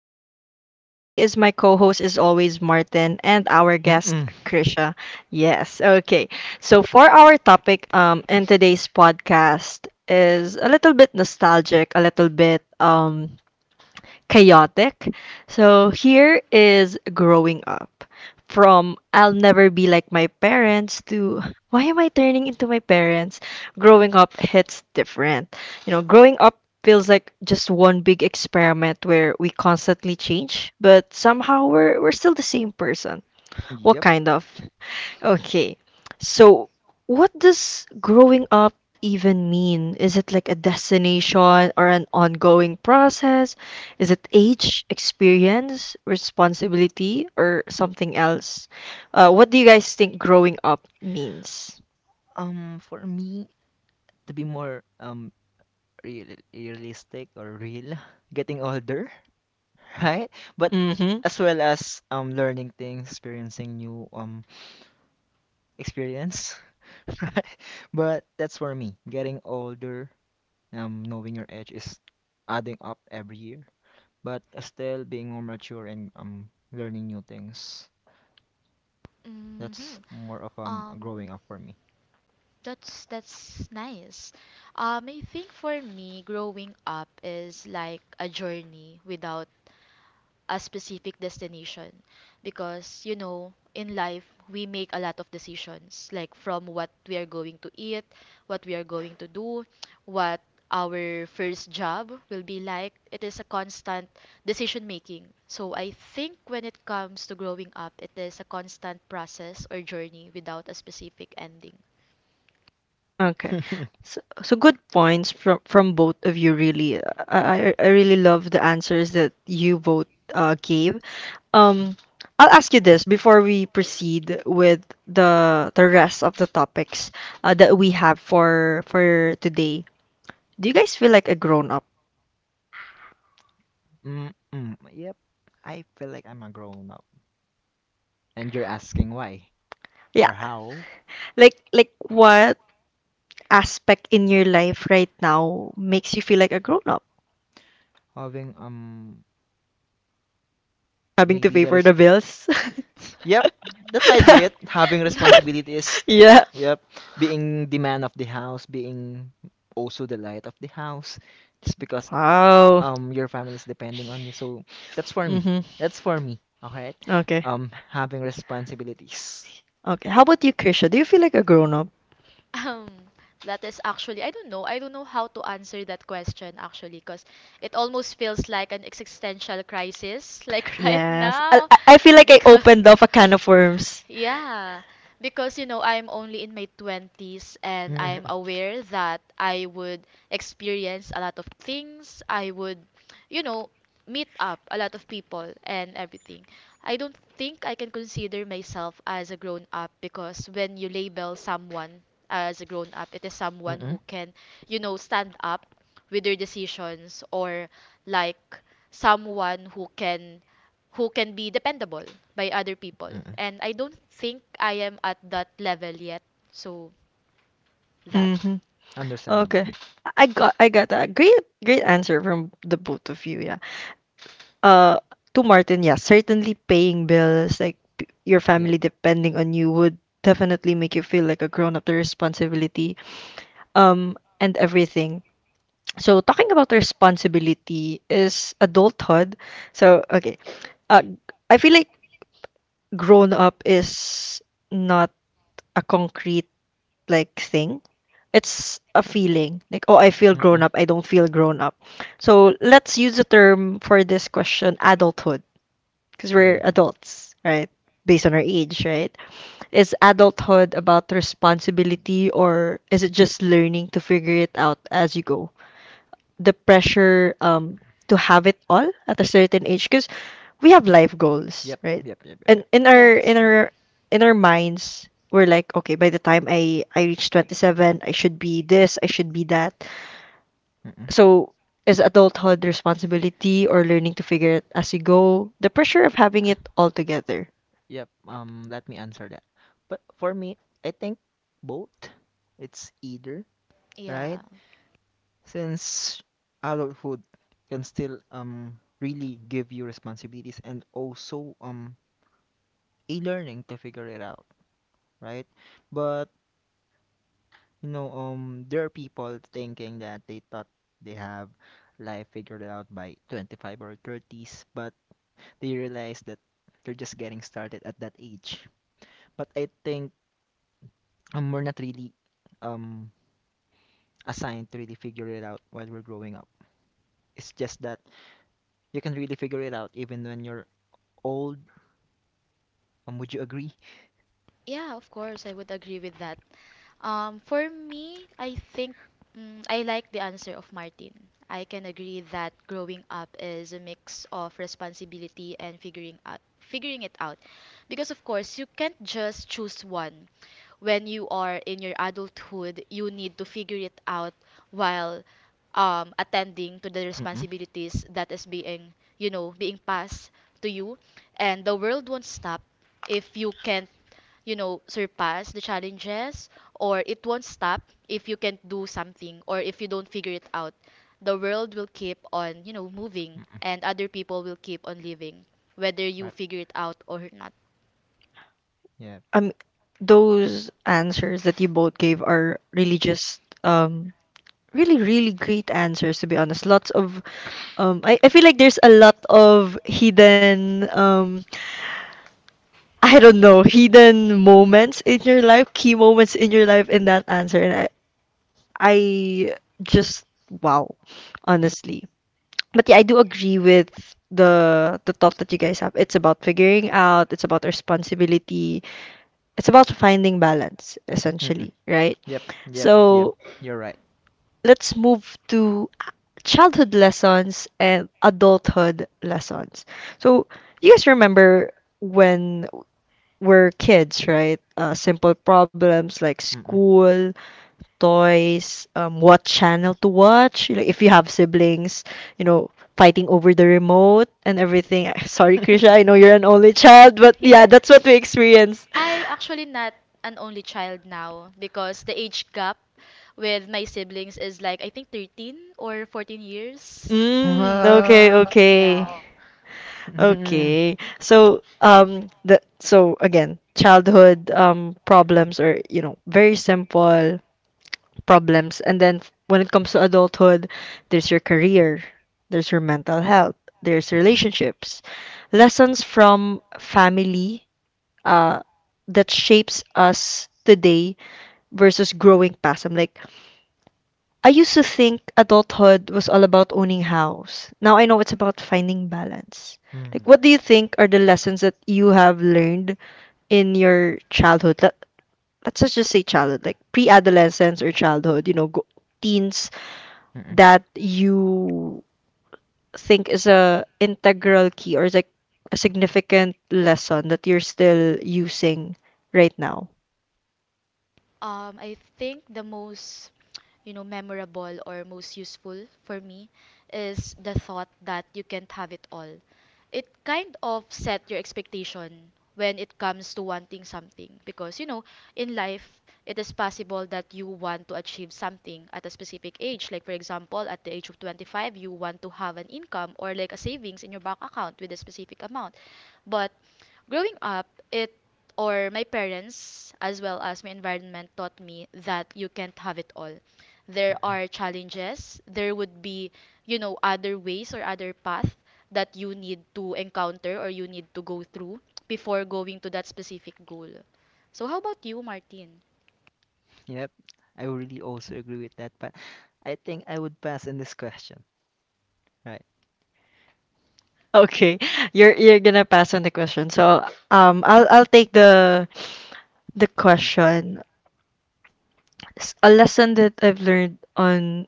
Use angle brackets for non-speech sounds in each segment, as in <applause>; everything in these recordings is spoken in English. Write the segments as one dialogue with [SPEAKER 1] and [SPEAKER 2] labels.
[SPEAKER 1] Here with me is my co host, as always, Martin, and our guest,
[SPEAKER 2] Mm-mm. <laughs>
[SPEAKER 1] Krisha. Yes, okay. So, for our topic in today's podcast, is a little bit nostalgic, a little bit chaotic. So here is growing up from I'll never be like my parents to why am I turning into my parents? Growing up hits different. You know, growing up feels like just one big experiment where we constantly change, but somehow we're still the same person. What
[SPEAKER 2] Yep.
[SPEAKER 1] kind of? Okay. So, what does growing up even mean? Is it like a destination or an ongoing process? Is it age, experience, responsibility, or something else? What do you guys think growing up means?
[SPEAKER 2] For me, to be more realistic or real, getting older, <laughs> right? But
[SPEAKER 1] Mm-hmm.
[SPEAKER 2] as well as learning things, experiencing new experience, <laughs> right? But that's for me. Getting older, knowing your age is adding up every year. But still being more mature and learning new things. That's
[SPEAKER 3] Hmm.
[SPEAKER 2] more of
[SPEAKER 3] Um,
[SPEAKER 2] growing up for me.
[SPEAKER 3] that's nice. I think for me, growing up is like a journey without a specific destination, because you know in life we make a lot of decisions, like from what we are going to eat, what we are going to do, what our first job will be like. It is a constant decision making, so I think when it comes to growing up, it is a constant process or journey without a specific ending.
[SPEAKER 1] Okay.
[SPEAKER 2] <laughs>
[SPEAKER 1] So, good points from both of you really. I really love the answers that you both gave. Um, I'll ask you this before we proceed with the rest of the topics that we have for today. Do you guys feel like a grown up?
[SPEAKER 2] Mm-mm. Yep, I feel like I'm a grown up. And you're asking why
[SPEAKER 1] Yeah,
[SPEAKER 2] or how?
[SPEAKER 1] like what aspect in your life right now makes you feel like a grown up?
[SPEAKER 2] Having
[SPEAKER 1] Having to
[SPEAKER 2] maybe
[SPEAKER 1] pay
[SPEAKER 2] there
[SPEAKER 1] for
[SPEAKER 2] is.
[SPEAKER 1] the bills? <laughs>
[SPEAKER 2] Yep, that might be it. Having
[SPEAKER 3] <laughs>
[SPEAKER 2] responsibility is,
[SPEAKER 1] Yeah.
[SPEAKER 2] yep, being the man of the house, being also the light of the house. Just because
[SPEAKER 1] Wow.
[SPEAKER 2] your family is depending on you. So that's for me.
[SPEAKER 1] Mm-hmm.
[SPEAKER 2] That's for me. All right.
[SPEAKER 1] Okay.
[SPEAKER 2] Having responsibilities.
[SPEAKER 1] Okay. How about you, Krisha? Do you feel like a grown up?
[SPEAKER 3] Um, that is actually, I don't know. I don't know how to answer that question actually, because it almost feels like an existential crisis, like, <laughs> right
[SPEAKER 1] Yes. I
[SPEAKER 3] now,
[SPEAKER 1] I I feel like I
[SPEAKER 3] because
[SPEAKER 1] opened up a can of worms.
[SPEAKER 3] yeah, because you know, I'm only in my 20s,
[SPEAKER 2] <laughs>
[SPEAKER 3] and I'm
[SPEAKER 2] Mm-mm.
[SPEAKER 3] aware that I would experience a lot of things. I would, you know, meet up a lot of people and everything. I don't think I can consider myself as a grown up, because when you label someone as a grown up, it is someone
[SPEAKER 2] Mm-mm.
[SPEAKER 3] who can, stand up with their decisions, or like someone who can be dependable by other people. And I don't think I am at that level yet. So that.
[SPEAKER 2] Yep.
[SPEAKER 1] Hmm.
[SPEAKER 2] Understandable.
[SPEAKER 1] Okay. I got a great answer from the both of you, yeah. Uh to Martin, yeah, certainly paying bills, like your
[SPEAKER 2] Yep.
[SPEAKER 1] family depending on you would definitely make you feel like a grown up, the responsibility, um, and everything. So talking about responsibility is adulthood. So okay. Uh I feel like grown up is not a concrete like thing. It's a feeling. Like, oh, I feel grown
[SPEAKER 2] Mm-mm.
[SPEAKER 1] up. I don't feel grown up. So let's use the term for this question, adulthood, because we're
[SPEAKER 2] Mm-hmm.
[SPEAKER 1] adults, right? Based on our age, right? Is adulthood about responsibility or is it just learning to figure it out as you go? The pressure to have it all at a certain age because we have life goals,
[SPEAKER 2] Yep,
[SPEAKER 1] right?
[SPEAKER 2] yep, yep, yep,
[SPEAKER 1] And
[SPEAKER 2] yep.
[SPEAKER 1] in
[SPEAKER 3] Yeah,
[SPEAKER 1] our
[SPEAKER 3] that's right.
[SPEAKER 1] in our minds, we're like, okay, by the time I reach 27, I should be this, I should be that.
[SPEAKER 2] Mm-mm.
[SPEAKER 1] So is adulthood responsibility or learning to figure it as you go, the pressure of having
[SPEAKER 2] Uh,
[SPEAKER 1] it all together.
[SPEAKER 2] Yep, let me answer that. But for me, I think both. It's either, right?
[SPEAKER 3] Yeah.
[SPEAKER 2] Since adulthood can still really give you responsibilities and also a learning to figure it out, right? But there are people thinking that they thought they have life figured out by 25 or 30s, but they realize that they're just getting started at that age. But I think, we're not really um assigned to really figure it out while we're growing up. It's just that you can really figure it out even when you're old. Would you agree?
[SPEAKER 3] Yeah, of course, I would agree with that. For me, I think, I like the answer of Martin. I can agree that growing up is a mix of responsibility and figuring it out. Because of course, you can't just choose one. When you are in your adulthood, you need to figure it out while attending to the
[SPEAKER 2] Mm-mm.
[SPEAKER 3] responsibilities that is being passed to you. And the world won't stop if you can't, surpass the challenges, or it won't stop if you can't do something, or if you don't figure it out. The world will keep on, moving,
[SPEAKER 2] Mm-mm.
[SPEAKER 3] and other people will keep on living, whether you
[SPEAKER 2] Right.
[SPEAKER 3] figure it out or not.
[SPEAKER 2] Yeah.
[SPEAKER 1] Um, those answers that you both gave are really just really really great answers to be honest. Lots of Um, I feel like there's a lot of hidden, I don't know, hidden moments in your life, key moments in your life in that answer. And I just, wow, honestly. But yeah, I do agree with the thought that you guys have. It's about figuring out, it's about responsibility, it's about finding balance,
[SPEAKER 2] Mm-mm.
[SPEAKER 1] essentially, right?
[SPEAKER 2] Yep. Yep. Yep.
[SPEAKER 1] So
[SPEAKER 2] You're right.
[SPEAKER 1] let's move to childhood lessons and adulthood lessons. So, you guys remember when we're kids, right? Simple problems like
[SPEAKER 2] Mm-mm.
[SPEAKER 1] school, toys, what channel to watch. You know, if you have siblings, you know, fighting over the remote and everything. <laughs> Sorry, Krisha, I know
[SPEAKER 2] <laughs>
[SPEAKER 1] you're an only child, but yeah,
[SPEAKER 3] Yeah.
[SPEAKER 1] that's what we experienced.
[SPEAKER 3] I actually not an only child now, because the age gap with my siblings is like I think 13 or 14 years.
[SPEAKER 1] Mm, okay, okay.
[SPEAKER 3] Yeah.
[SPEAKER 2] Wow. Mm-mm.
[SPEAKER 1] Okay. So, the so again, childhood problems are, you know, very simple problems. And then when it comes to adulthood, there's your career, there's your mental health, there's
[SPEAKER 2] Mm-mm. Mm.
[SPEAKER 1] relationships, lessons from family, uh, that shapes us today versus growing past. I'm like, I used to think adulthood was all about owning house. Now I know it's about finding balance. Like, what do
[SPEAKER 2] Mm-mm.
[SPEAKER 1] you think are the lessons that you have learned in your childhood? Let's just say childhood, like pre-adolescence or childhood, you know, teens that you think is a integral key or is like a significant lesson that you're still using right now?
[SPEAKER 3] I think the most, memorable or most useful for me is the thought that you can't have it all. It kind of set your expectation when it comes to wanting something, because you know in life it is possible that you want to achieve something at a specific age, like for example at the age of 25 you want to have an income, or like a savings in your bank account with a specific amount. But growing up, it or my parents, as well as my environment, taught me that you can't have it all. There
[SPEAKER 2] Mm-mm.
[SPEAKER 3] are challenges. There would be, other ways or other path that you need to encounter or you need to go through before going to that specific goal. So how about you, Martin?
[SPEAKER 2] Yep. I really also agree with that, but I think I would pass in this question. Right.
[SPEAKER 1] Okay, <laughs> you're gonna pass on the question. So, I'll take the
[SPEAKER 2] Mm.
[SPEAKER 1] question. A lesson that I've learned on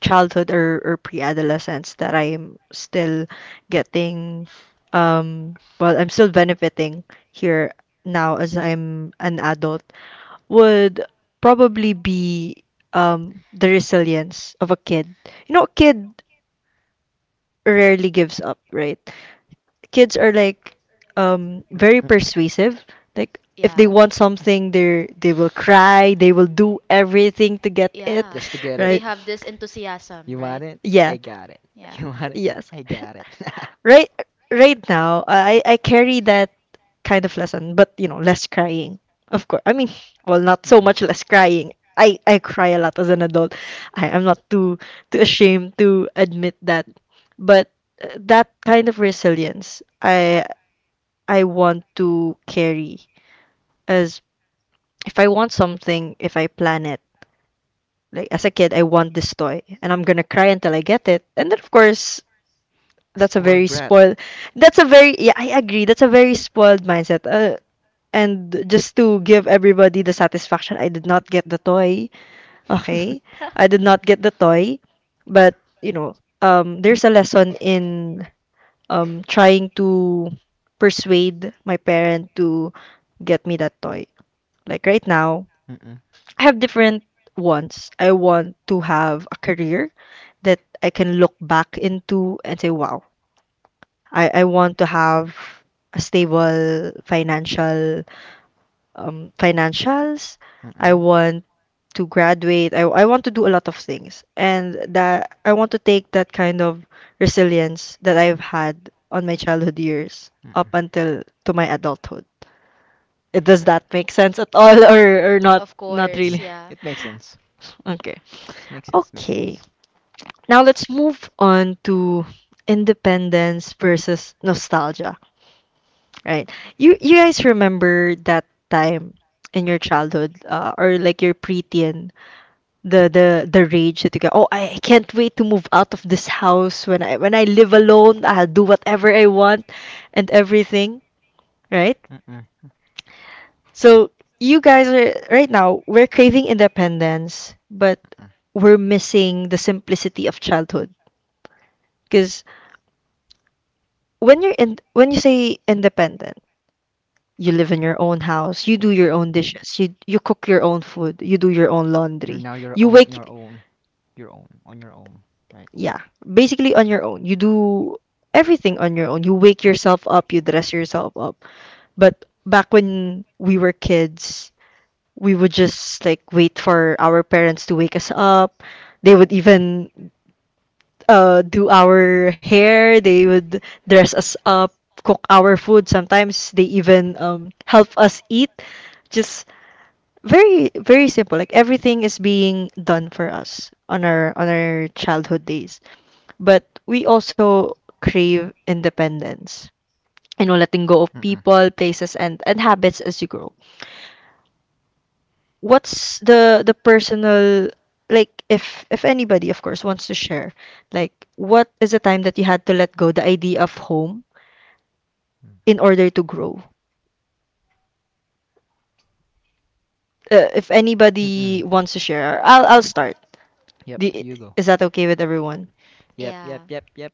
[SPEAKER 1] childhood or, pre-adolescence that I am still getting, well, I'm still benefiting here now as I'm an adult would probably be the resilience of a kid. You know, a kid rarely gives up, right? Kids are like
[SPEAKER 2] Mm-mm.
[SPEAKER 1] very persuasive. Like if they
[SPEAKER 3] Yeah.
[SPEAKER 1] want something, they will cry, they will do everything to get it,
[SPEAKER 2] Just to
[SPEAKER 3] Yeah.
[SPEAKER 2] get it.
[SPEAKER 3] They
[SPEAKER 1] right?
[SPEAKER 3] have this
[SPEAKER 2] You
[SPEAKER 3] enthusiasm,
[SPEAKER 2] want
[SPEAKER 3] right?
[SPEAKER 2] it? I
[SPEAKER 1] Yeah,
[SPEAKER 2] got it. <laughs>
[SPEAKER 3] Yeah.
[SPEAKER 2] You want it?
[SPEAKER 1] yes.
[SPEAKER 2] I
[SPEAKER 1] <laughs>
[SPEAKER 2] got it. <laughs>
[SPEAKER 1] Right right now, I carry that kind of lesson, but you know, less crying. Of course. I mean, well, not so
[SPEAKER 2] Mm-mm.
[SPEAKER 1] much less crying. I cry a lot as an adult. I am not too ashamed to admit that. But that kind of resilience, I want to carry as if I want something, if I plan it. Like as a kid, I want this toy, and I'm gonna cry until I get it. And then, of course,
[SPEAKER 2] A
[SPEAKER 1] that's a very
[SPEAKER 2] spoiled brat.
[SPEAKER 1] spoiled that's a very yeah I agree that's a very spoiled mindset. And just to give everybody the satisfaction, I did not get the toy. Okay,
[SPEAKER 2] <laughs>
[SPEAKER 1] I did not get the toy, but you know, there's a lesson in trying to persuade my parent to get me that toy. Like right now
[SPEAKER 2] Mm-mm.
[SPEAKER 1] I have different wants. I want to have a career that I can look back into and say wow, I want to have a stable financial financials. I
[SPEAKER 2] Mm-mm.
[SPEAKER 1] want to graduate. I want to do a lot of things. And that I want to take that kind of resilience that I've had on my childhood years up
[SPEAKER 2] Mm-mm.
[SPEAKER 1] until to my adulthood.
[SPEAKER 2] All
[SPEAKER 1] Does
[SPEAKER 2] right.
[SPEAKER 1] that make sense at all <laughs> or not
[SPEAKER 3] Of course,
[SPEAKER 2] Mm-mm.
[SPEAKER 1] really?
[SPEAKER 3] yeah.
[SPEAKER 2] It makes sense.
[SPEAKER 1] Okay.
[SPEAKER 2] Makes sense. Makes
[SPEAKER 1] Okay.
[SPEAKER 2] sense.
[SPEAKER 1] Now let's move on to independence versus nostalgia. Right. You guys remember that time in your childhood, or like your preteen, the rage that you go, oh, I can't wait to move out of this house when I live alone, I'll do whatever I want and everything, right?
[SPEAKER 2] Mm-mm.
[SPEAKER 1] So you guys are right now, we're craving independence, but
[SPEAKER 2] Mm-mm.
[SPEAKER 1] we're missing the simplicity of childhood. Because when you're in when you say independent, you live in your own house. You do your own dishes. You cook your own food. You do your own
[SPEAKER 2] You're
[SPEAKER 1] laundry.
[SPEAKER 2] now your
[SPEAKER 1] You
[SPEAKER 2] own, your
[SPEAKER 1] wake,
[SPEAKER 2] own, your own, on your own, right?
[SPEAKER 1] yeah, basically on your own. You do everything on your own. You wake yourself up, you dress yourself up. But back when we were kids, we would just like wait for our parents to wake us up. They would even do our hair. They would dress us up, cook our food. Sometimes they even help us eat, just very very simple, like everything is being done for us on our childhood days. But we also crave independence, you know, letting go of
[SPEAKER 2] Mm-mm.
[SPEAKER 1] people, places, and habits as you grow. What's the personal, like if anybody of course wants to share, like what is the time that you had to let go the idea of home
[SPEAKER 2] Mm.
[SPEAKER 1] in order to grow? If
[SPEAKER 2] Mm-mm.
[SPEAKER 1] anybody wants to share, I'll start
[SPEAKER 2] Yep.
[SPEAKER 1] the,
[SPEAKER 2] You go.
[SPEAKER 1] is that okay with everyone?
[SPEAKER 2] Yep. Yep.
[SPEAKER 3] Yeah.
[SPEAKER 2] Yep. Yep.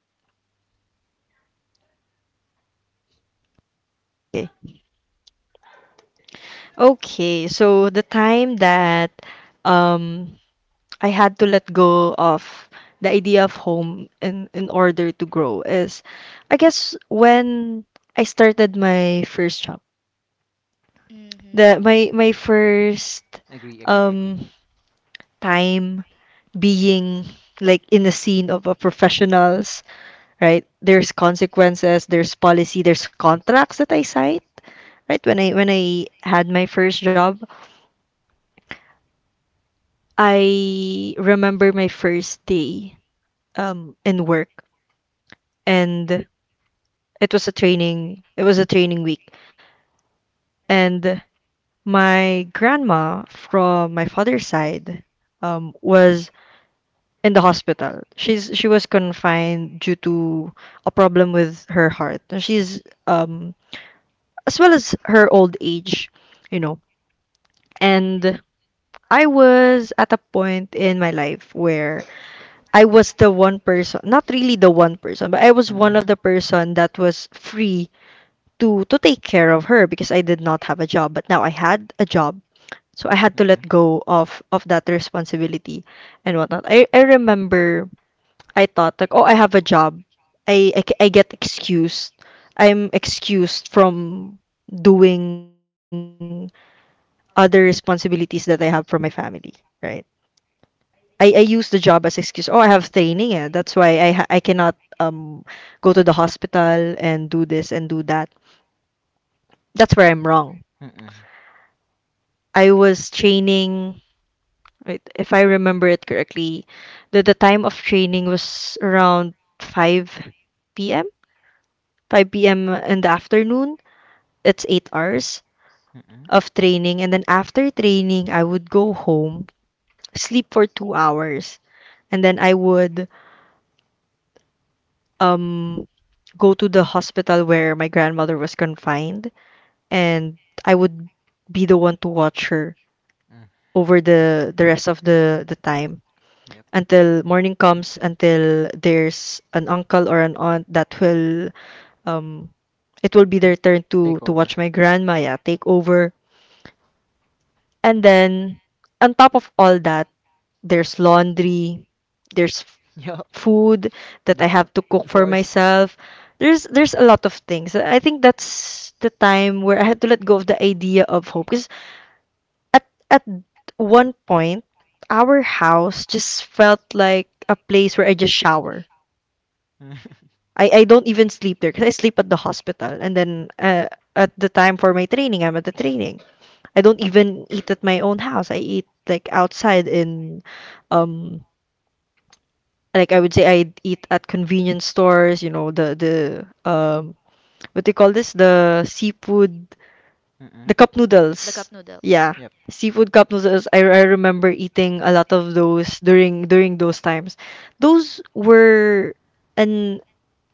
[SPEAKER 1] Okay. Okay, so the time that um I had to let go of the idea of home in order to grow is I guess when I started my first job. The
[SPEAKER 3] Mhm.
[SPEAKER 1] my
[SPEAKER 2] Yep.
[SPEAKER 1] first
[SPEAKER 2] Agree. Agree. Agree.
[SPEAKER 1] um time being like in the scene of a professionals, right? There's consequences, there's policy, there's contracts that I signed, right? When I had my first job. I remember my first day in work, and it was a training, it was a training week. And my grandma from my father's side was in the hospital. She was confined due to a problem with her heart. And she's as well as her old age, you know. And I was at a point in my life where I was the one person, not really the one person, but I was one
[SPEAKER 2] Mm-mm.
[SPEAKER 1] of the person that was free to take care of her because I did not have a job, but now I had a job. So I had to
[SPEAKER 2] Mm-mm.
[SPEAKER 1] let go of that responsibility and whatnot. I remember I thought like, oh, I have a job. I get excused. I'm excused from doing other responsibilities that I have from my family, right? I use the job as excuse. Oh, I have training. Eh. That's why I cannot um go to the hospital and do this and do that. That's where I'm wrong.
[SPEAKER 2] Mm-mm.
[SPEAKER 1] I was training. Wait, if I remember it correctly, the time of training was around 5 p.m. 5 p.m. in the afternoon. It's 8 hours
[SPEAKER 2] Mm-mm.
[SPEAKER 1] of training, and then after training, I would go home, sleep for 2 hours, and then I would um go to the hospital where my grandmother was confined, and I would be the one to watch her
[SPEAKER 2] Mm.
[SPEAKER 1] over the rest of the time
[SPEAKER 2] Yep.
[SPEAKER 1] until morning comes, until there's an uncle or an aunt that will um it will be their turn
[SPEAKER 2] Take
[SPEAKER 1] to
[SPEAKER 2] over.
[SPEAKER 1] watch my grandma, yeah, take over. And then on top of all that, there's laundry, there's
[SPEAKER 2] <laughs> Yup.
[SPEAKER 1] food
[SPEAKER 2] The
[SPEAKER 1] that I have to cook for
[SPEAKER 2] horse.
[SPEAKER 1] myself. There's a lot of things. I think that's the time where I had to let go of the idea of home because at one point our house just felt like a place where I just shower.
[SPEAKER 2] <laughs> Mm-mm.
[SPEAKER 1] I don't even sleep there because I sleep at the hospital, and then at the time for my training I'm at the training. I don't even eat at my own house. I eat like outside in um like, I would say I'd eat at convenience stores, the, what do you call this? The seafood, the cup
[SPEAKER 3] The
[SPEAKER 1] noodles.
[SPEAKER 3] cup noodles.
[SPEAKER 1] Yeah.
[SPEAKER 2] Yep.
[SPEAKER 1] Seafood cup noodles. I remember eating a lot of those during those times. Those were an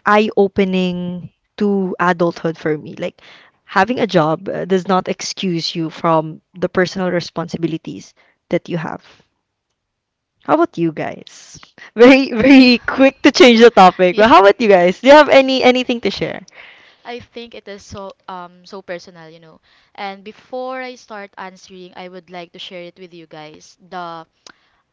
[SPEAKER 1] eye-opening to adulthood for me. Like, having a job does not excuse you from the personal responsibilities that you have. How about you guys? Very <laughs> very quick to change the topic. But
[SPEAKER 3] <laughs> Yeah.
[SPEAKER 1] how about you guys? Do you have anything to share?
[SPEAKER 3] I think it is so personal. And before I start answering, I would like to share it with you guys. The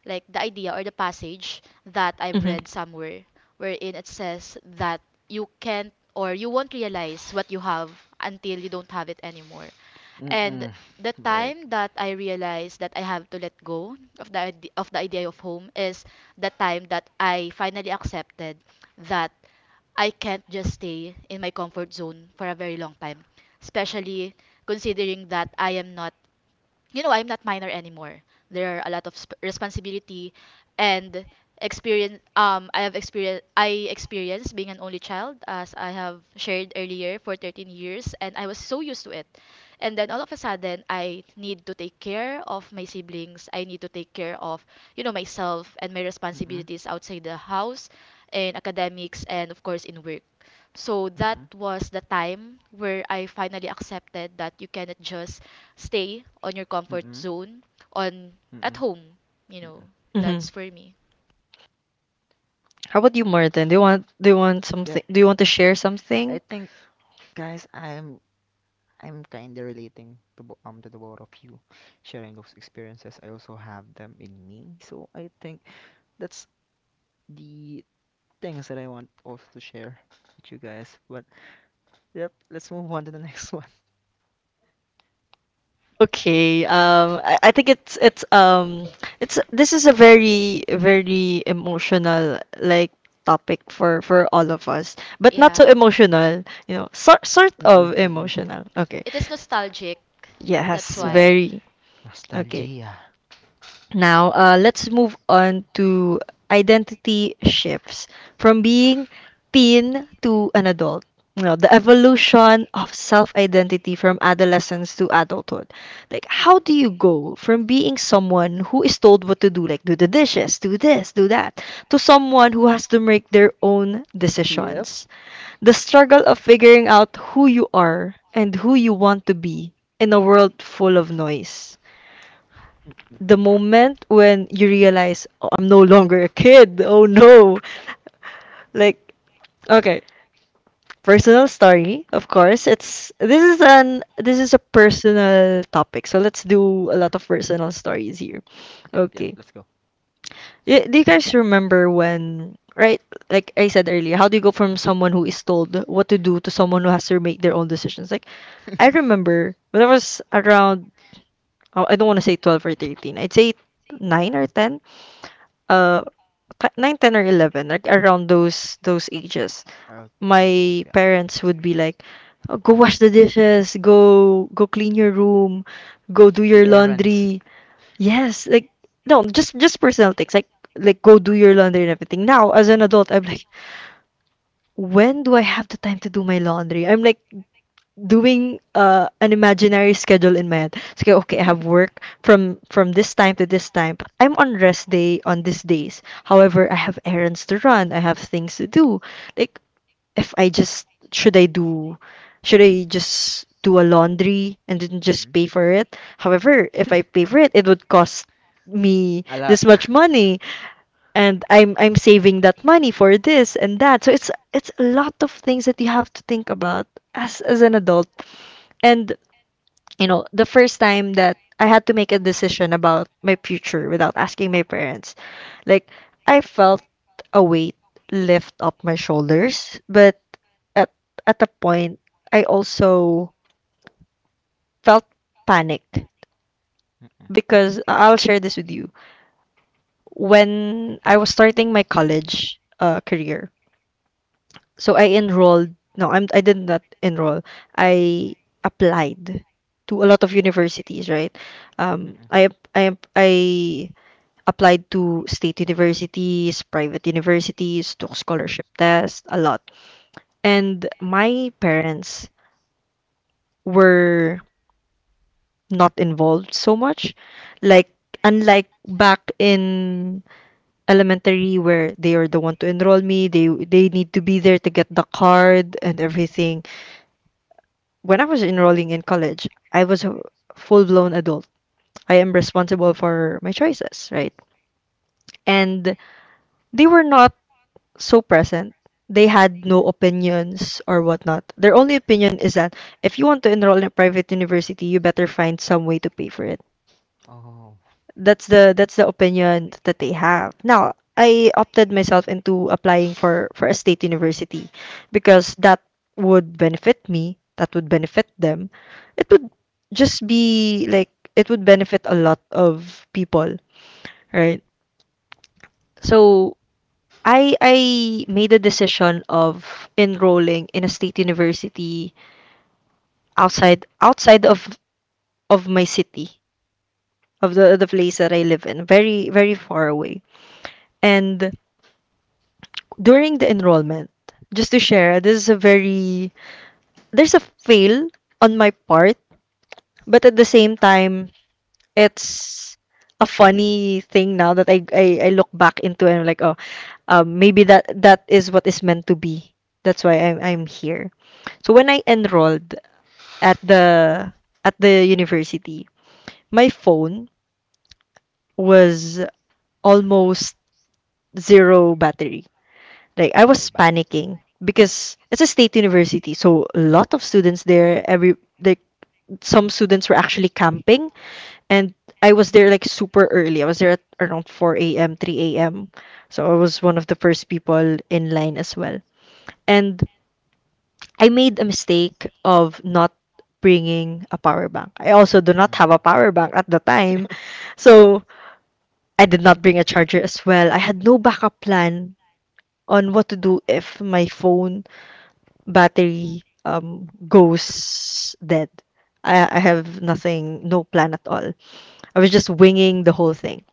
[SPEAKER 3] like the idea, or the passage that I've
[SPEAKER 1] Mhm.
[SPEAKER 3] read somewhere, wherein it says that you can't, or you won't, realize what you have until you don't have it anymore.
[SPEAKER 2] Mm-mm.
[SPEAKER 3] And the
[SPEAKER 2] Right.
[SPEAKER 3] time that I realized that I have to let go of the idea of home is the time that I finally accepted that I can't just stay in my comfort zone for a very long time, especially considering that I am not you know, I'm not minor anymore. There are a lot of responsibility and experience. I have experience. I experienced being an only child, as I have shared earlier, for 13 years, and I was so used to it. And then all of a sudden, I need to take care of my siblings. I need to take care of, myself and my
[SPEAKER 2] Mm-mm.
[SPEAKER 3] responsibilities outside the house, in academics, and of course in work. So that
[SPEAKER 2] Mm-mm.
[SPEAKER 3] was the time where I finally accepted that you cannot just stay on your comfort
[SPEAKER 2] Mm-mm.
[SPEAKER 3] zone, on at
[SPEAKER 2] Mm-mm.
[SPEAKER 3] home, you
[SPEAKER 2] Mm-mm.
[SPEAKER 3] know.
[SPEAKER 1] Mhm.
[SPEAKER 3] That's for me.
[SPEAKER 1] How about you, Martin? Do you want
[SPEAKER 2] Yep.
[SPEAKER 1] something? Do you want to share
[SPEAKER 2] I
[SPEAKER 1] something?
[SPEAKER 2] think, guys, I'm kind of relating to the both of you, sharing those experiences. I also have them in me, so I think that's the things that I want also to share with you guys. What Yep, let's move on to the <laughs> next one.
[SPEAKER 1] Okay. I think it's, this is a very very emotional, like, topic for all of us, but not so
[SPEAKER 3] Yeah.
[SPEAKER 1] emotional. Sort
[SPEAKER 2] Mm-mm,
[SPEAKER 1] of
[SPEAKER 2] mm-mm.
[SPEAKER 1] emotional. Okay.
[SPEAKER 3] It is nostalgic. That's
[SPEAKER 1] Yes,
[SPEAKER 2] Yeah.
[SPEAKER 3] why.
[SPEAKER 1] very. Okay.
[SPEAKER 2] Nostalgia.
[SPEAKER 1] Now, let's move on to identity shifts from being teen to an adult. The evolution of self-identity from adolescence to adulthood. Like, how do you go from being someone who is told what to do, like do the dishes, do this, do that, to someone who has to make their own
[SPEAKER 2] <laughs> Yep.
[SPEAKER 1] decisions? The struggle of figuring out who you are and who you want to be in a world full of noise, the moment when you realize, "Oh, I'm no longer a kid. Oh no." Like, okay, personal story. Of course, it's this is an this is a personal topic. So let's do a lot of personal stories here.
[SPEAKER 2] Yep, yep,
[SPEAKER 1] Okay.
[SPEAKER 2] let's go.
[SPEAKER 1] Do you guys remember, when, right, like I said earlier, how do you go from someone who is told what to do to someone who has to make their own decisions? Like, I
[SPEAKER 2] <laughs>
[SPEAKER 1] remember when I was around, oh, I don't want to say 12 or 13. I'd say 9 or 10, uh 9, 10, or 11, like around those ages,
[SPEAKER 2] Around those
[SPEAKER 1] my parents
[SPEAKER 2] guys.
[SPEAKER 1] would be like, "Oh, go wash the dishes, go clean your room, go do your
[SPEAKER 2] The errands.
[SPEAKER 1] laundry." Yes, like, no, just personal things, like go do your laundry and everything. Now, as an adult, I'm like, "When do I have the time to do my laundry?" I'm like doing an imaginary schedule in my head. It's like, okay, I have work
[SPEAKER 2] <laughs>
[SPEAKER 1] from this time to this time, but I'm on rest day on these days. However, I have errands to run. I have things to do. Like, if I just, should I do, should I just do a laundry and then just
[SPEAKER 2] Mm-mm.
[SPEAKER 1] pay for it? However, if I pay for it,
[SPEAKER 2] <laughs>
[SPEAKER 1] it would cost me
[SPEAKER 2] A
[SPEAKER 1] this
[SPEAKER 2] lot. <laughs>
[SPEAKER 1] much money, and I'm saving that money for this and that. So it's a lot of things that you have to think about as an adult. And, the first time that I had to make a decision about my future without asking my parents, like, I felt a weight lift up my shoulders, but at at a point, I also felt panic
[SPEAKER 2] Mm-mm,
[SPEAKER 1] because I'll share this with you. When I was starting my college career, so I enrolled. No, I did not enroll. I applied to a lot of universities, right? Um,
[SPEAKER 2] mm-mm.
[SPEAKER 1] I ap- I ap- I applied to state universities, private universities, took scholarship tests, a lot. And my parents were not involved so much. Like, unlike back in elementary where they are the one to enroll me, they need to be there to get the card and everything. When I was enrolling in college, I was a full blown adult. I am responsible for my choices, right? And they were not so present. They had no opinions or whatnot. Their only opinion is that if you want to enroll in a private university, you better find some way to pay for it.
[SPEAKER 2] Oh,
[SPEAKER 1] That's the opinion that they have. Now, I opted myself into applying for a state university because that would benefit me, that would benefit them. It would just be like, it would benefit a lot of people, right? So I made a decision of enrolling in a state university outside of my city, of the place that I live in, very very far away. And during the enrollment, just to share, this is a very there's a fail on my part, but at the same time, it's a funny thing now that I look back into, and I'm like, oh, maybe that is what is meant to be. That's why I'm here. So when I enrolled at the at the university, my phone was almost zero battery. Like, I was
[SPEAKER 2] low back.
[SPEAKER 1] panicking because it's a state university, so a lot of students there. Every like some students were actually camping, and I was there like super early. I was there at around 4 a.m., 3 a.m. So I was one of the first people in line as well. And I made a mistake of not bringing a power bank. I also do
[SPEAKER 2] <laughs>
[SPEAKER 1] not
[SPEAKER 2] Mm.
[SPEAKER 1] have a power bank at the time.
[SPEAKER 2] <laughs>
[SPEAKER 1] So I did not bring a charger as well. I had no backup plan on what to do if my phone battery goes dead. I have nothing, no plan at all. I was just
[SPEAKER 2] Mm.
[SPEAKER 1] winging the whole thing,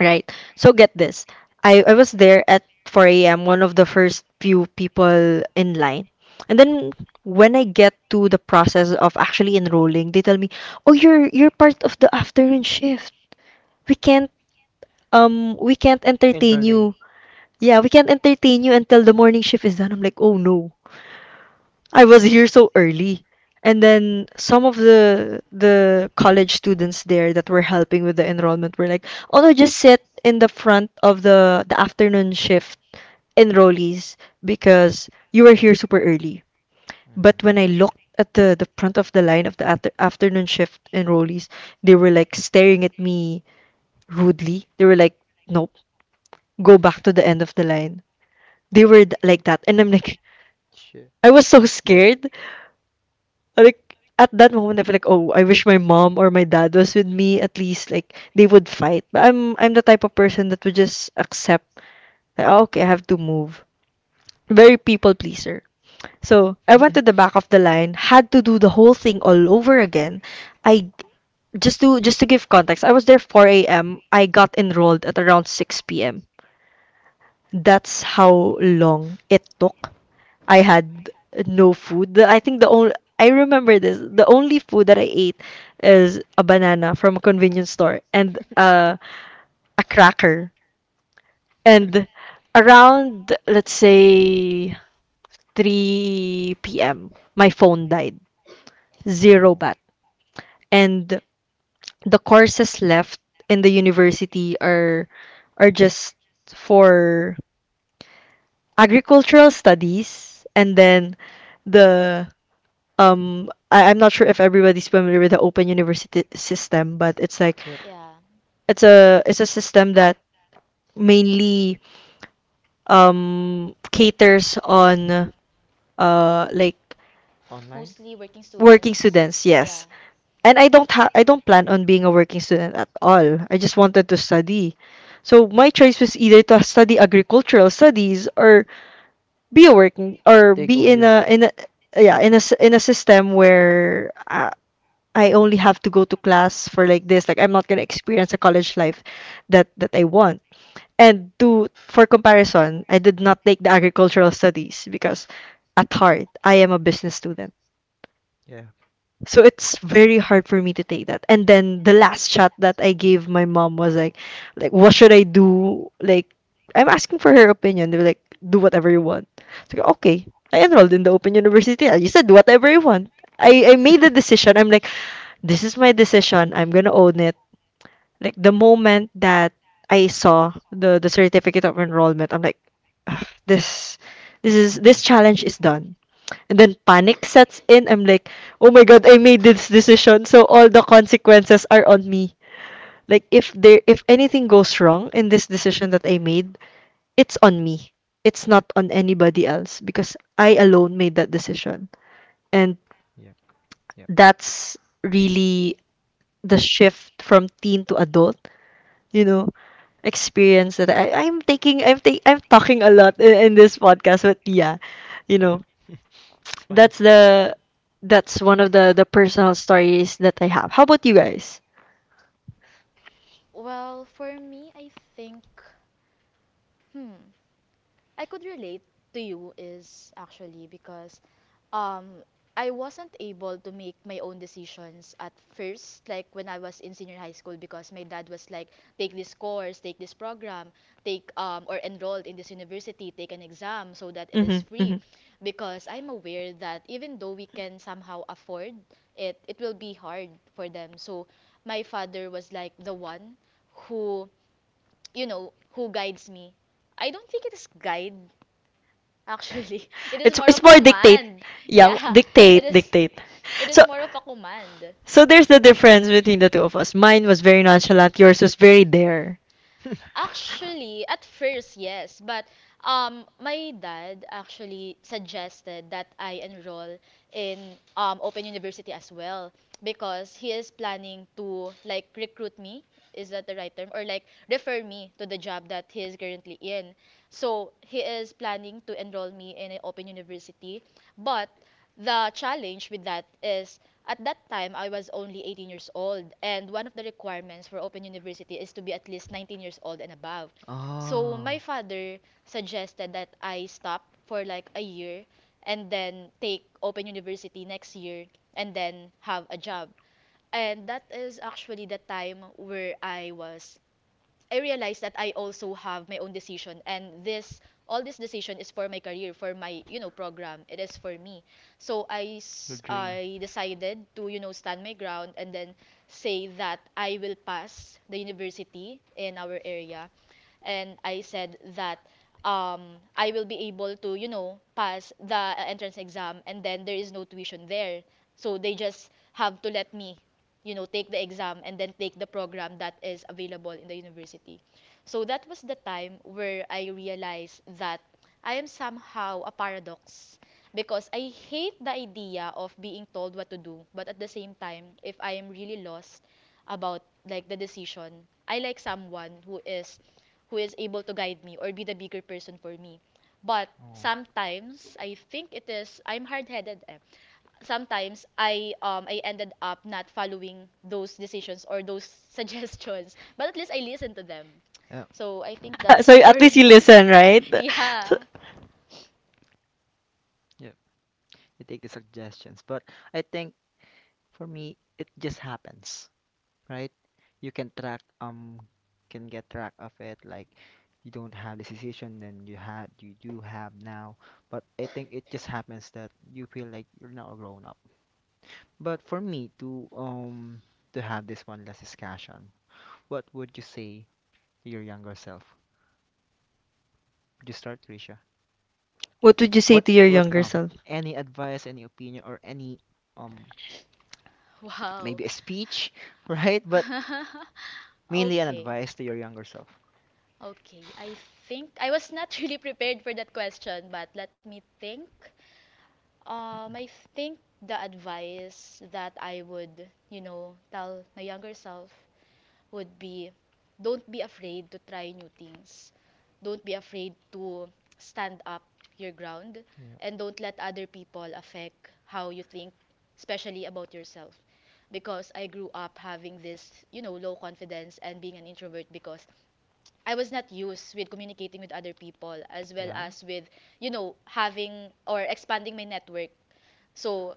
[SPEAKER 1] right? So get this. I was there at 4 a.m., one of the first few people in line. And then when I get to the process of actually enrolling, they tell me, "Oh, you're part of the afternoon shift. We can't we can't entertain you.
[SPEAKER 2] Entertain.
[SPEAKER 1] Yeah, we can't entertain you until the morning shift is done." I'm like, "Oh no." I was here so early. And then some of the college students there that were helping with the enrollment were like, "Oh no, just sit in the front of the afternoon shift enrollees because you were here super early." But when
[SPEAKER 2] Mm.
[SPEAKER 1] I looked at the front of the line of the afternoon shift enrollees, they were like staring at me rudely. They were like, "Nope, go back to the end of the line." They were like that, and I'm like,
[SPEAKER 2] Shit.
[SPEAKER 1] <laughs> I was so
[SPEAKER 2] Yep.
[SPEAKER 1] scared. Like, at that moment I feel like, oh, I wish my mom or my dad was with me, at least, like, they would fight. But I'm the type of person that would just accept, like, "Oh, okay, I have to move." Very people pleaser. So I went to the back of
[SPEAKER 2] <laughs>
[SPEAKER 1] the line, had to do the whole thing all over again. I just to give context, I was there 4 a M. I got enrolled at around 6 p.m. That's how long it took. I had no food. I think the only, I remember this, the only food that I ate is a banana from a convenience store and a cracker. And around, let's say, 3 p.m., my phone died. Zero
[SPEAKER 2] Oh.
[SPEAKER 1] bat. And the courses left in the university are just for agricultural studies, and then the I'm not sure if everybody's familiar with the open university system, but it's like
[SPEAKER 2] Yep.
[SPEAKER 3] Yeah.
[SPEAKER 1] it's a it's a system that mainly caters on like
[SPEAKER 2] Online?
[SPEAKER 3] Mostly working
[SPEAKER 1] working
[SPEAKER 3] students.
[SPEAKER 1] students,
[SPEAKER 3] Yeah.
[SPEAKER 1] yes. And I don't plan on being a working student at all. I just wanted to study. So my choice was either to study agricultural studies, or be a working, or
[SPEAKER 2] Take
[SPEAKER 1] be
[SPEAKER 2] all you.
[SPEAKER 1] in a yeah in a s- in a system where I only have to go to class for like this. Like, I'm not gonna experience a college life that I want. And to for comparison, I did not take the agricultural studies because at heart I am a business student.
[SPEAKER 2] Yeah.
[SPEAKER 1] So it's very hard for me to take that. And then the last shot that I gave my mom was like, what should I do? Like, I'm asking for her opinion. They were like, do whatever you want. So okay. I enrolled in the Open University. I just said whatever I want. I made the decision. I'm
[SPEAKER 2] <laughs>
[SPEAKER 1] like this is my decision. I'm gonna own it. Like the moment that I saw the certificate of enrollment, I'm like, "Ugh, this is
[SPEAKER 2] Mm-mm.
[SPEAKER 1] this challenge is done. And then panic sets in. I'm like, oh my god, I made this decision, so all the consequences are on me. Like if anything goes wrong in this decision that I made, it's on me. It's not on anybody else because I alone made that decision. And
[SPEAKER 2] Yep, yep,
[SPEAKER 1] that's really the shift from teen to adult you know experience that I, I'm taking I'm ta- I'm talking a lot in this podcast but yeah you know
[SPEAKER 2] yep. <laughs> It's fine.
[SPEAKER 1] that's the that's one of the personal stories that I have. How about you guys?
[SPEAKER 3] Well, for me, I think, hmm I could relate to you, is actually because um I wasn't able to make my own decisions at first, like when I was in senior high school, because my dad was like, take this course, take this program, take or enrolled in this university, take an exam so that it is
[SPEAKER 1] Mm-hmm,
[SPEAKER 3] free.
[SPEAKER 1] mm-hmm.
[SPEAKER 3] Because I'm aware that even though we can somehow afford it, it will be hard for them. So my father was like the one who, who guides me. I don't think it is guide. Actually, <laughs> it is
[SPEAKER 1] it's
[SPEAKER 3] more
[SPEAKER 1] it's
[SPEAKER 3] of a
[SPEAKER 1] more dictate,
[SPEAKER 3] command.
[SPEAKER 1] yeah,
[SPEAKER 3] Yeah, it
[SPEAKER 1] dictate
[SPEAKER 3] is.
[SPEAKER 1] dictate.
[SPEAKER 3] It
[SPEAKER 1] so
[SPEAKER 3] is more of a command.
[SPEAKER 1] so there's the difference between the two of us. Mine was very nonchalant, yours was very there.
[SPEAKER 2] <laughs>
[SPEAKER 3] Actually, at first, yes, but my dad actually suggested that I enroll in Open University as well, because he is planning to like recruit me. Is that the right term? Or like refer me to the job that he is currently in. So he is planning to enroll me in an Open University, but the challenge with that is, at that time, I was only 18 years old, and one of the requirements for Open University is to be at least 19 years old and above. So
[SPEAKER 2] Oh,
[SPEAKER 3] my father suggested that I stop for like a year, and then take Open University next year, and then have a job. And that is actually the time where I realized that I also have my own decision, and this all this decision is for my career, for my program. It is for me. So
[SPEAKER 2] your dream.
[SPEAKER 3] I decided to, stand my ground, and then say that I will pass the university in our area. And I said that, I will be able to, pass the entrance exam, and then there is no tuition there. So they just have to let me, take the exam, and then take the program that is available in the university. So that was the time where I realized that I am somehow a paradox, because I hate the idea of being told what to do, but at the same time, if I am really lost about like the decision, I like someone who is able to guide me or be the bigger person for me. But
[SPEAKER 2] Oh.
[SPEAKER 3] sometimes I think it is I'm hard-headed. Sometimes I ended up not following those decisions or those <laughs> suggestions, but at least I listened to them.
[SPEAKER 2] <laughs> Yeah,
[SPEAKER 3] So I think
[SPEAKER 1] <laughs> So
[SPEAKER 3] that's for
[SPEAKER 1] at least you
[SPEAKER 3] me.
[SPEAKER 1] listen, right?
[SPEAKER 3] <laughs> Yeah.
[SPEAKER 2] yeah. You take the suggestions, but I think for me, it just happens, right? You can track can get track of it, like you don't have this decision then you do have now, but I think it just happens that you feel like you're not a grown up. But for me to have this one last discussion, what would you say to your younger self? Would you start, Trisha?
[SPEAKER 1] What would you say to your
[SPEAKER 2] What
[SPEAKER 1] younger self?
[SPEAKER 2] any advice, any opinion, or any um
[SPEAKER 3] Wow.
[SPEAKER 2] maybe a speech, <laughs> right? But
[SPEAKER 3] <laughs>
[SPEAKER 2] mainly an
[SPEAKER 3] Okay.
[SPEAKER 2] advice to your younger self.
[SPEAKER 3] Okay. I think I was not <laughs> really prepared for that question, but let me think.
[SPEAKER 2] Mm.
[SPEAKER 3] I think the advice that I would, tell my younger self would be, don't be afraid to try new things. Don't be afraid to stand up your ground, and don't let other people affect how you think, especially about yourself. Because I grew up having this, low confidence and being an introvert, because I was not used with communicating with other people, as well
[SPEAKER 2] Yeah.
[SPEAKER 3] as with, having or expanding my network. So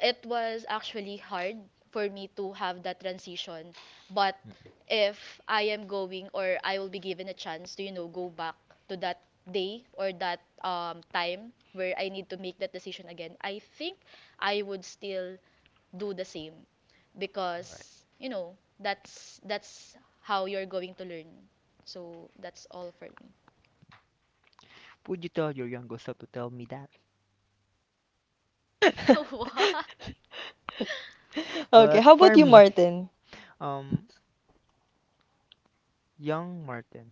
[SPEAKER 3] it was actually hard for me to have that transition. But
[SPEAKER 2] Mm.
[SPEAKER 3] if I am going, or I will be given a chance to, go back to that day, or that time where I need to make that decision again, I think I would still do the same,
[SPEAKER 2] Right.
[SPEAKER 3] because, that's how you're going to learn. So that's all for me.
[SPEAKER 2] Would you tell your younger self to tell me that?
[SPEAKER 1] <laughs>
[SPEAKER 3] <laughs>
[SPEAKER 1] Okay,
[SPEAKER 2] But
[SPEAKER 1] how about
[SPEAKER 2] for
[SPEAKER 1] you,
[SPEAKER 2] me,
[SPEAKER 1] Martin?
[SPEAKER 2] um, young Martin,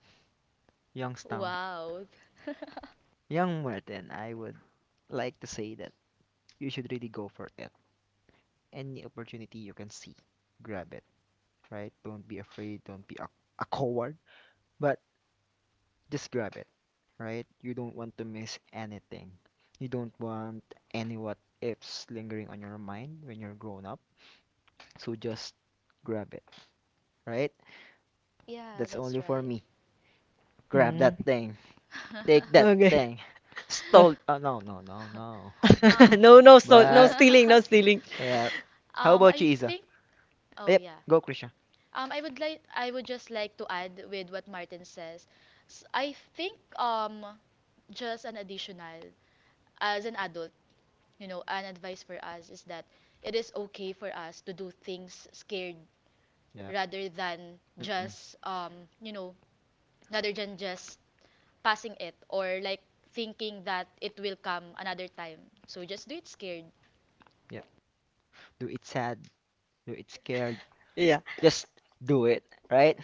[SPEAKER 3] What?
[SPEAKER 2] Youngstown,
[SPEAKER 3] Wow. <laughs>
[SPEAKER 2] young Martin, I would like to say that you should really go for it. Any opportunity you can see, grab it. Right? Don't be afraid. Don't be a coward. But just grab it, right? You don't want to miss anything. You don't want any what ifs lingering on your mind when you're grown up. So just grab it, right?
[SPEAKER 3] Yeah,
[SPEAKER 2] That's
[SPEAKER 3] that's
[SPEAKER 2] only for
[SPEAKER 3] right.
[SPEAKER 2] me. Grab
[SPEAKER 1] Mm.
[SPEAKER 2] that thing. Take
[SPEAKER 3] <laughs>
[SPEAKER 2] that
[SPEAKER 1] Okay.
[SPEAKER 2] thing.
[SPEAKER 1] <laughs>
[SPEAKER 2] Stole. Oh, no, no, no, no.
[SPEAKER 1] <laughs>
[SPEAKER 3] Um,
[SPEAKER 1] No, no, so no
[SPEAKER 2] But,
[SPEAKER 1] stealing,
[SPEAKER 3] <laughs>
[SPEAKER 1] no stealing.
[SPEAKER 2] yeah. How about
[SPEAKER 3] I
[SPEAKER 2] you, Isa?
[SPEAKER 3] think. Oh
[SPEAKER 2] Yep,
[SPEAKER 3] yeah.
[SPEAKER 2] go, Krisha.
[SPEAKER 3] I would just like to add with what Martin says. S I think um, just an additional as an adult. You know, an advice for us is that it is okay for us to do things scared,
[SPEAKER 2] Yep.
[SPEAKER 3] rather than
[SPEAKER 2] Mm-mm.
[SPEAKER 3] just you know, rather than just passing it, or like thinking that it will come another time. So just do it scared. <laughs>
[SPEAKER 2] Yep. Do it sad. Do it scared.
[SPEAKER 1] Yeah.
[SPEAKER 2] Just do it, right?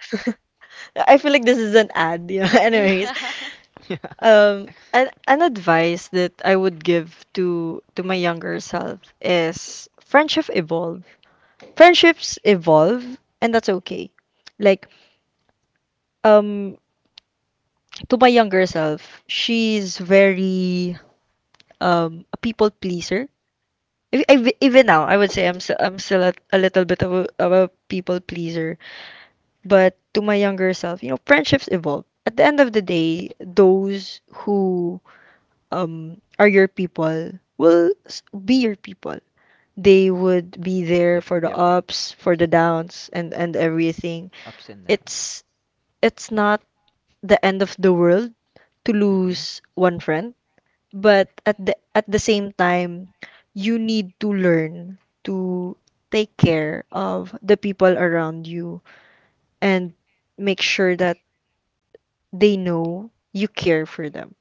[SPEAKER 1] <laughs> I feel like this is an ad. Yeah. <laughs> Anyways,
[SPEAKER 3] Yeah. <laughs>
[SPEAKER 2] <laughs> Yeah.
[SPEAKER 1] an advice that I would give to my younger self is friendship evolve. Friendships evolve, and that's okay. Like, um, to my younger self, she's very a people pleaser. Even now, I would say I'm still a little bit of of a people pleaser. But to my younger self, you know, friendships evolve. At the end of the day, those who are your people be your people. They would be there
[SPEAKER 2] Yep,
[SPEAKER 1] for the
[SPEAKER 2] yep, yep.
[SPEAKER 1] ups, for the downs, and everything.
[SPEAKER 2] Ups and downs.
[SPEAKER 1] It's it's not the end of the world to
[SPEAKER 2] Mm-mm.
[SPEAKER 1] lose one friend, but at the same time, you need to learn to take care of the people around you and make sure that they know you care for them.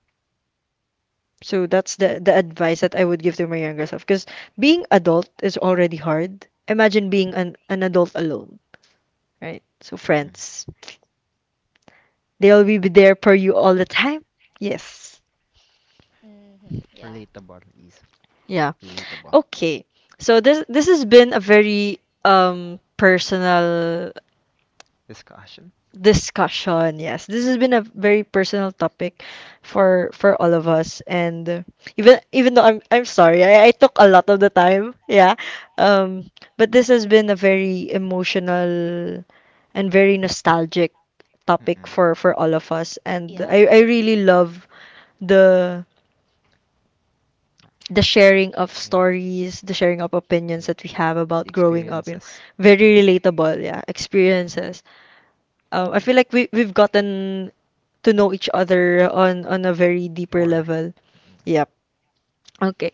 [SPEAKER 1] So that's the advice that I would give to my younger self. Because being adult is already hard. Imagine being an adult alone, right? So
[SPEAKER 2] Mm-mm.
[SPEAKER 1] friends, they'll be there for you all the time. Yes.
[SPEAKER 3] Hmm.
[SPEAKER 2] Yeah.
[SPEAKER 3] Yeah.
[SPEAKER 2] Relatable is
[SPEAKER 1] Yeah.
[SPEAKER 2] relatable.
[SPEAKER 1] Okay. So this has been a very personal
[SPEAKER 2] Discussion?
[SPEAKER 1] discussion. Yes, this has been a very personal topic for all of us, and even though I'm sorry, I took a lot of the time. Yeah, um, but this has been a very emotional and very nostalgic
[SPEAKER 2] Mm-mm.
[SPEAKER 1] topic for all of us, and
[SPEAKER 3] Yeah, I
[SPEAKER 1] I
[SPEAKER 3] could
[SPEAKER 1] really
[SPEAKER 3] agree.
[SPEAKER 1] love the the sharing of
[SPEAKER 2] Yeah.
[SPEAKER 1] stories, the sharing of opinions
[SPEAKER 2] Yep.
[SPEAKER 1] that we have
[SPEAKER 2] The
[SPEAKER 1] about growing up. You know,
[SPEAKER 2] experiences.
[SPEAKER 1] very relatable. Yeah,
[SPEAKER 2] Mm-mm.
[SPEAKER 1] experiences. I feel like we've
[SPEAKER 2] Yeah.
[SPEAKER 1] gotten to know each other on a very deeper
[SPEAKER 2] More.
[SPEAKER 1] level.
[SPEAKER 2] Mm.
[SPEAKER 1] Yep. Okay.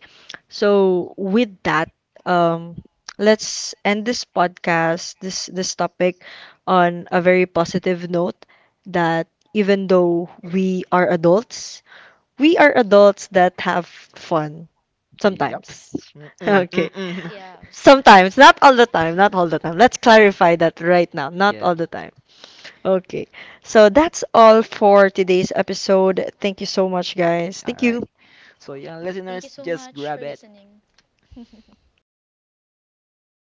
[SPEAKER 1] So with that, um, let's end this podcast, this topic on a very positive note that even though we are adults that have fun
[SPEAKER 2] Yep.
[SPEAKER 1] sometimes. <laughs>
[SPEAKER 2] <laughs> Mm-mm.
[SPEAKER 1] Okay.
[SPEAKER 2] Mm-mm.
[SPEAKER 3] Yeah.
[SPEAKER 2] <laughs>
[SPEAKER 1] Sometimes, not all the time, not all
[SPEAKER 3] <laughs>
[SPEAKER 1] the time. Let's clarify that right now. Not
[SPEAKER 2] Yeah.
[SPEAKER 1] all the time. Okay. So that's all for today's episode. Thank you so much, guys.
[SPEAKER 2] All
[SPEAKER 1] Thank
[SPEAKER 2] right.
[SPEAKER 1] you.
[SPEAKER 2] So yeah,
[SPEAKER 3] Thank you
[SPEAKER 2] listeners,
[SPEAKER 3] so
[SPEAKER 2] just
[SPEAKER 3] much
[SPEAKER 2] grab
[SPEAKER 3] for
[SPEAKER 2] it,
[SPEAKER 3] listening. <laughs>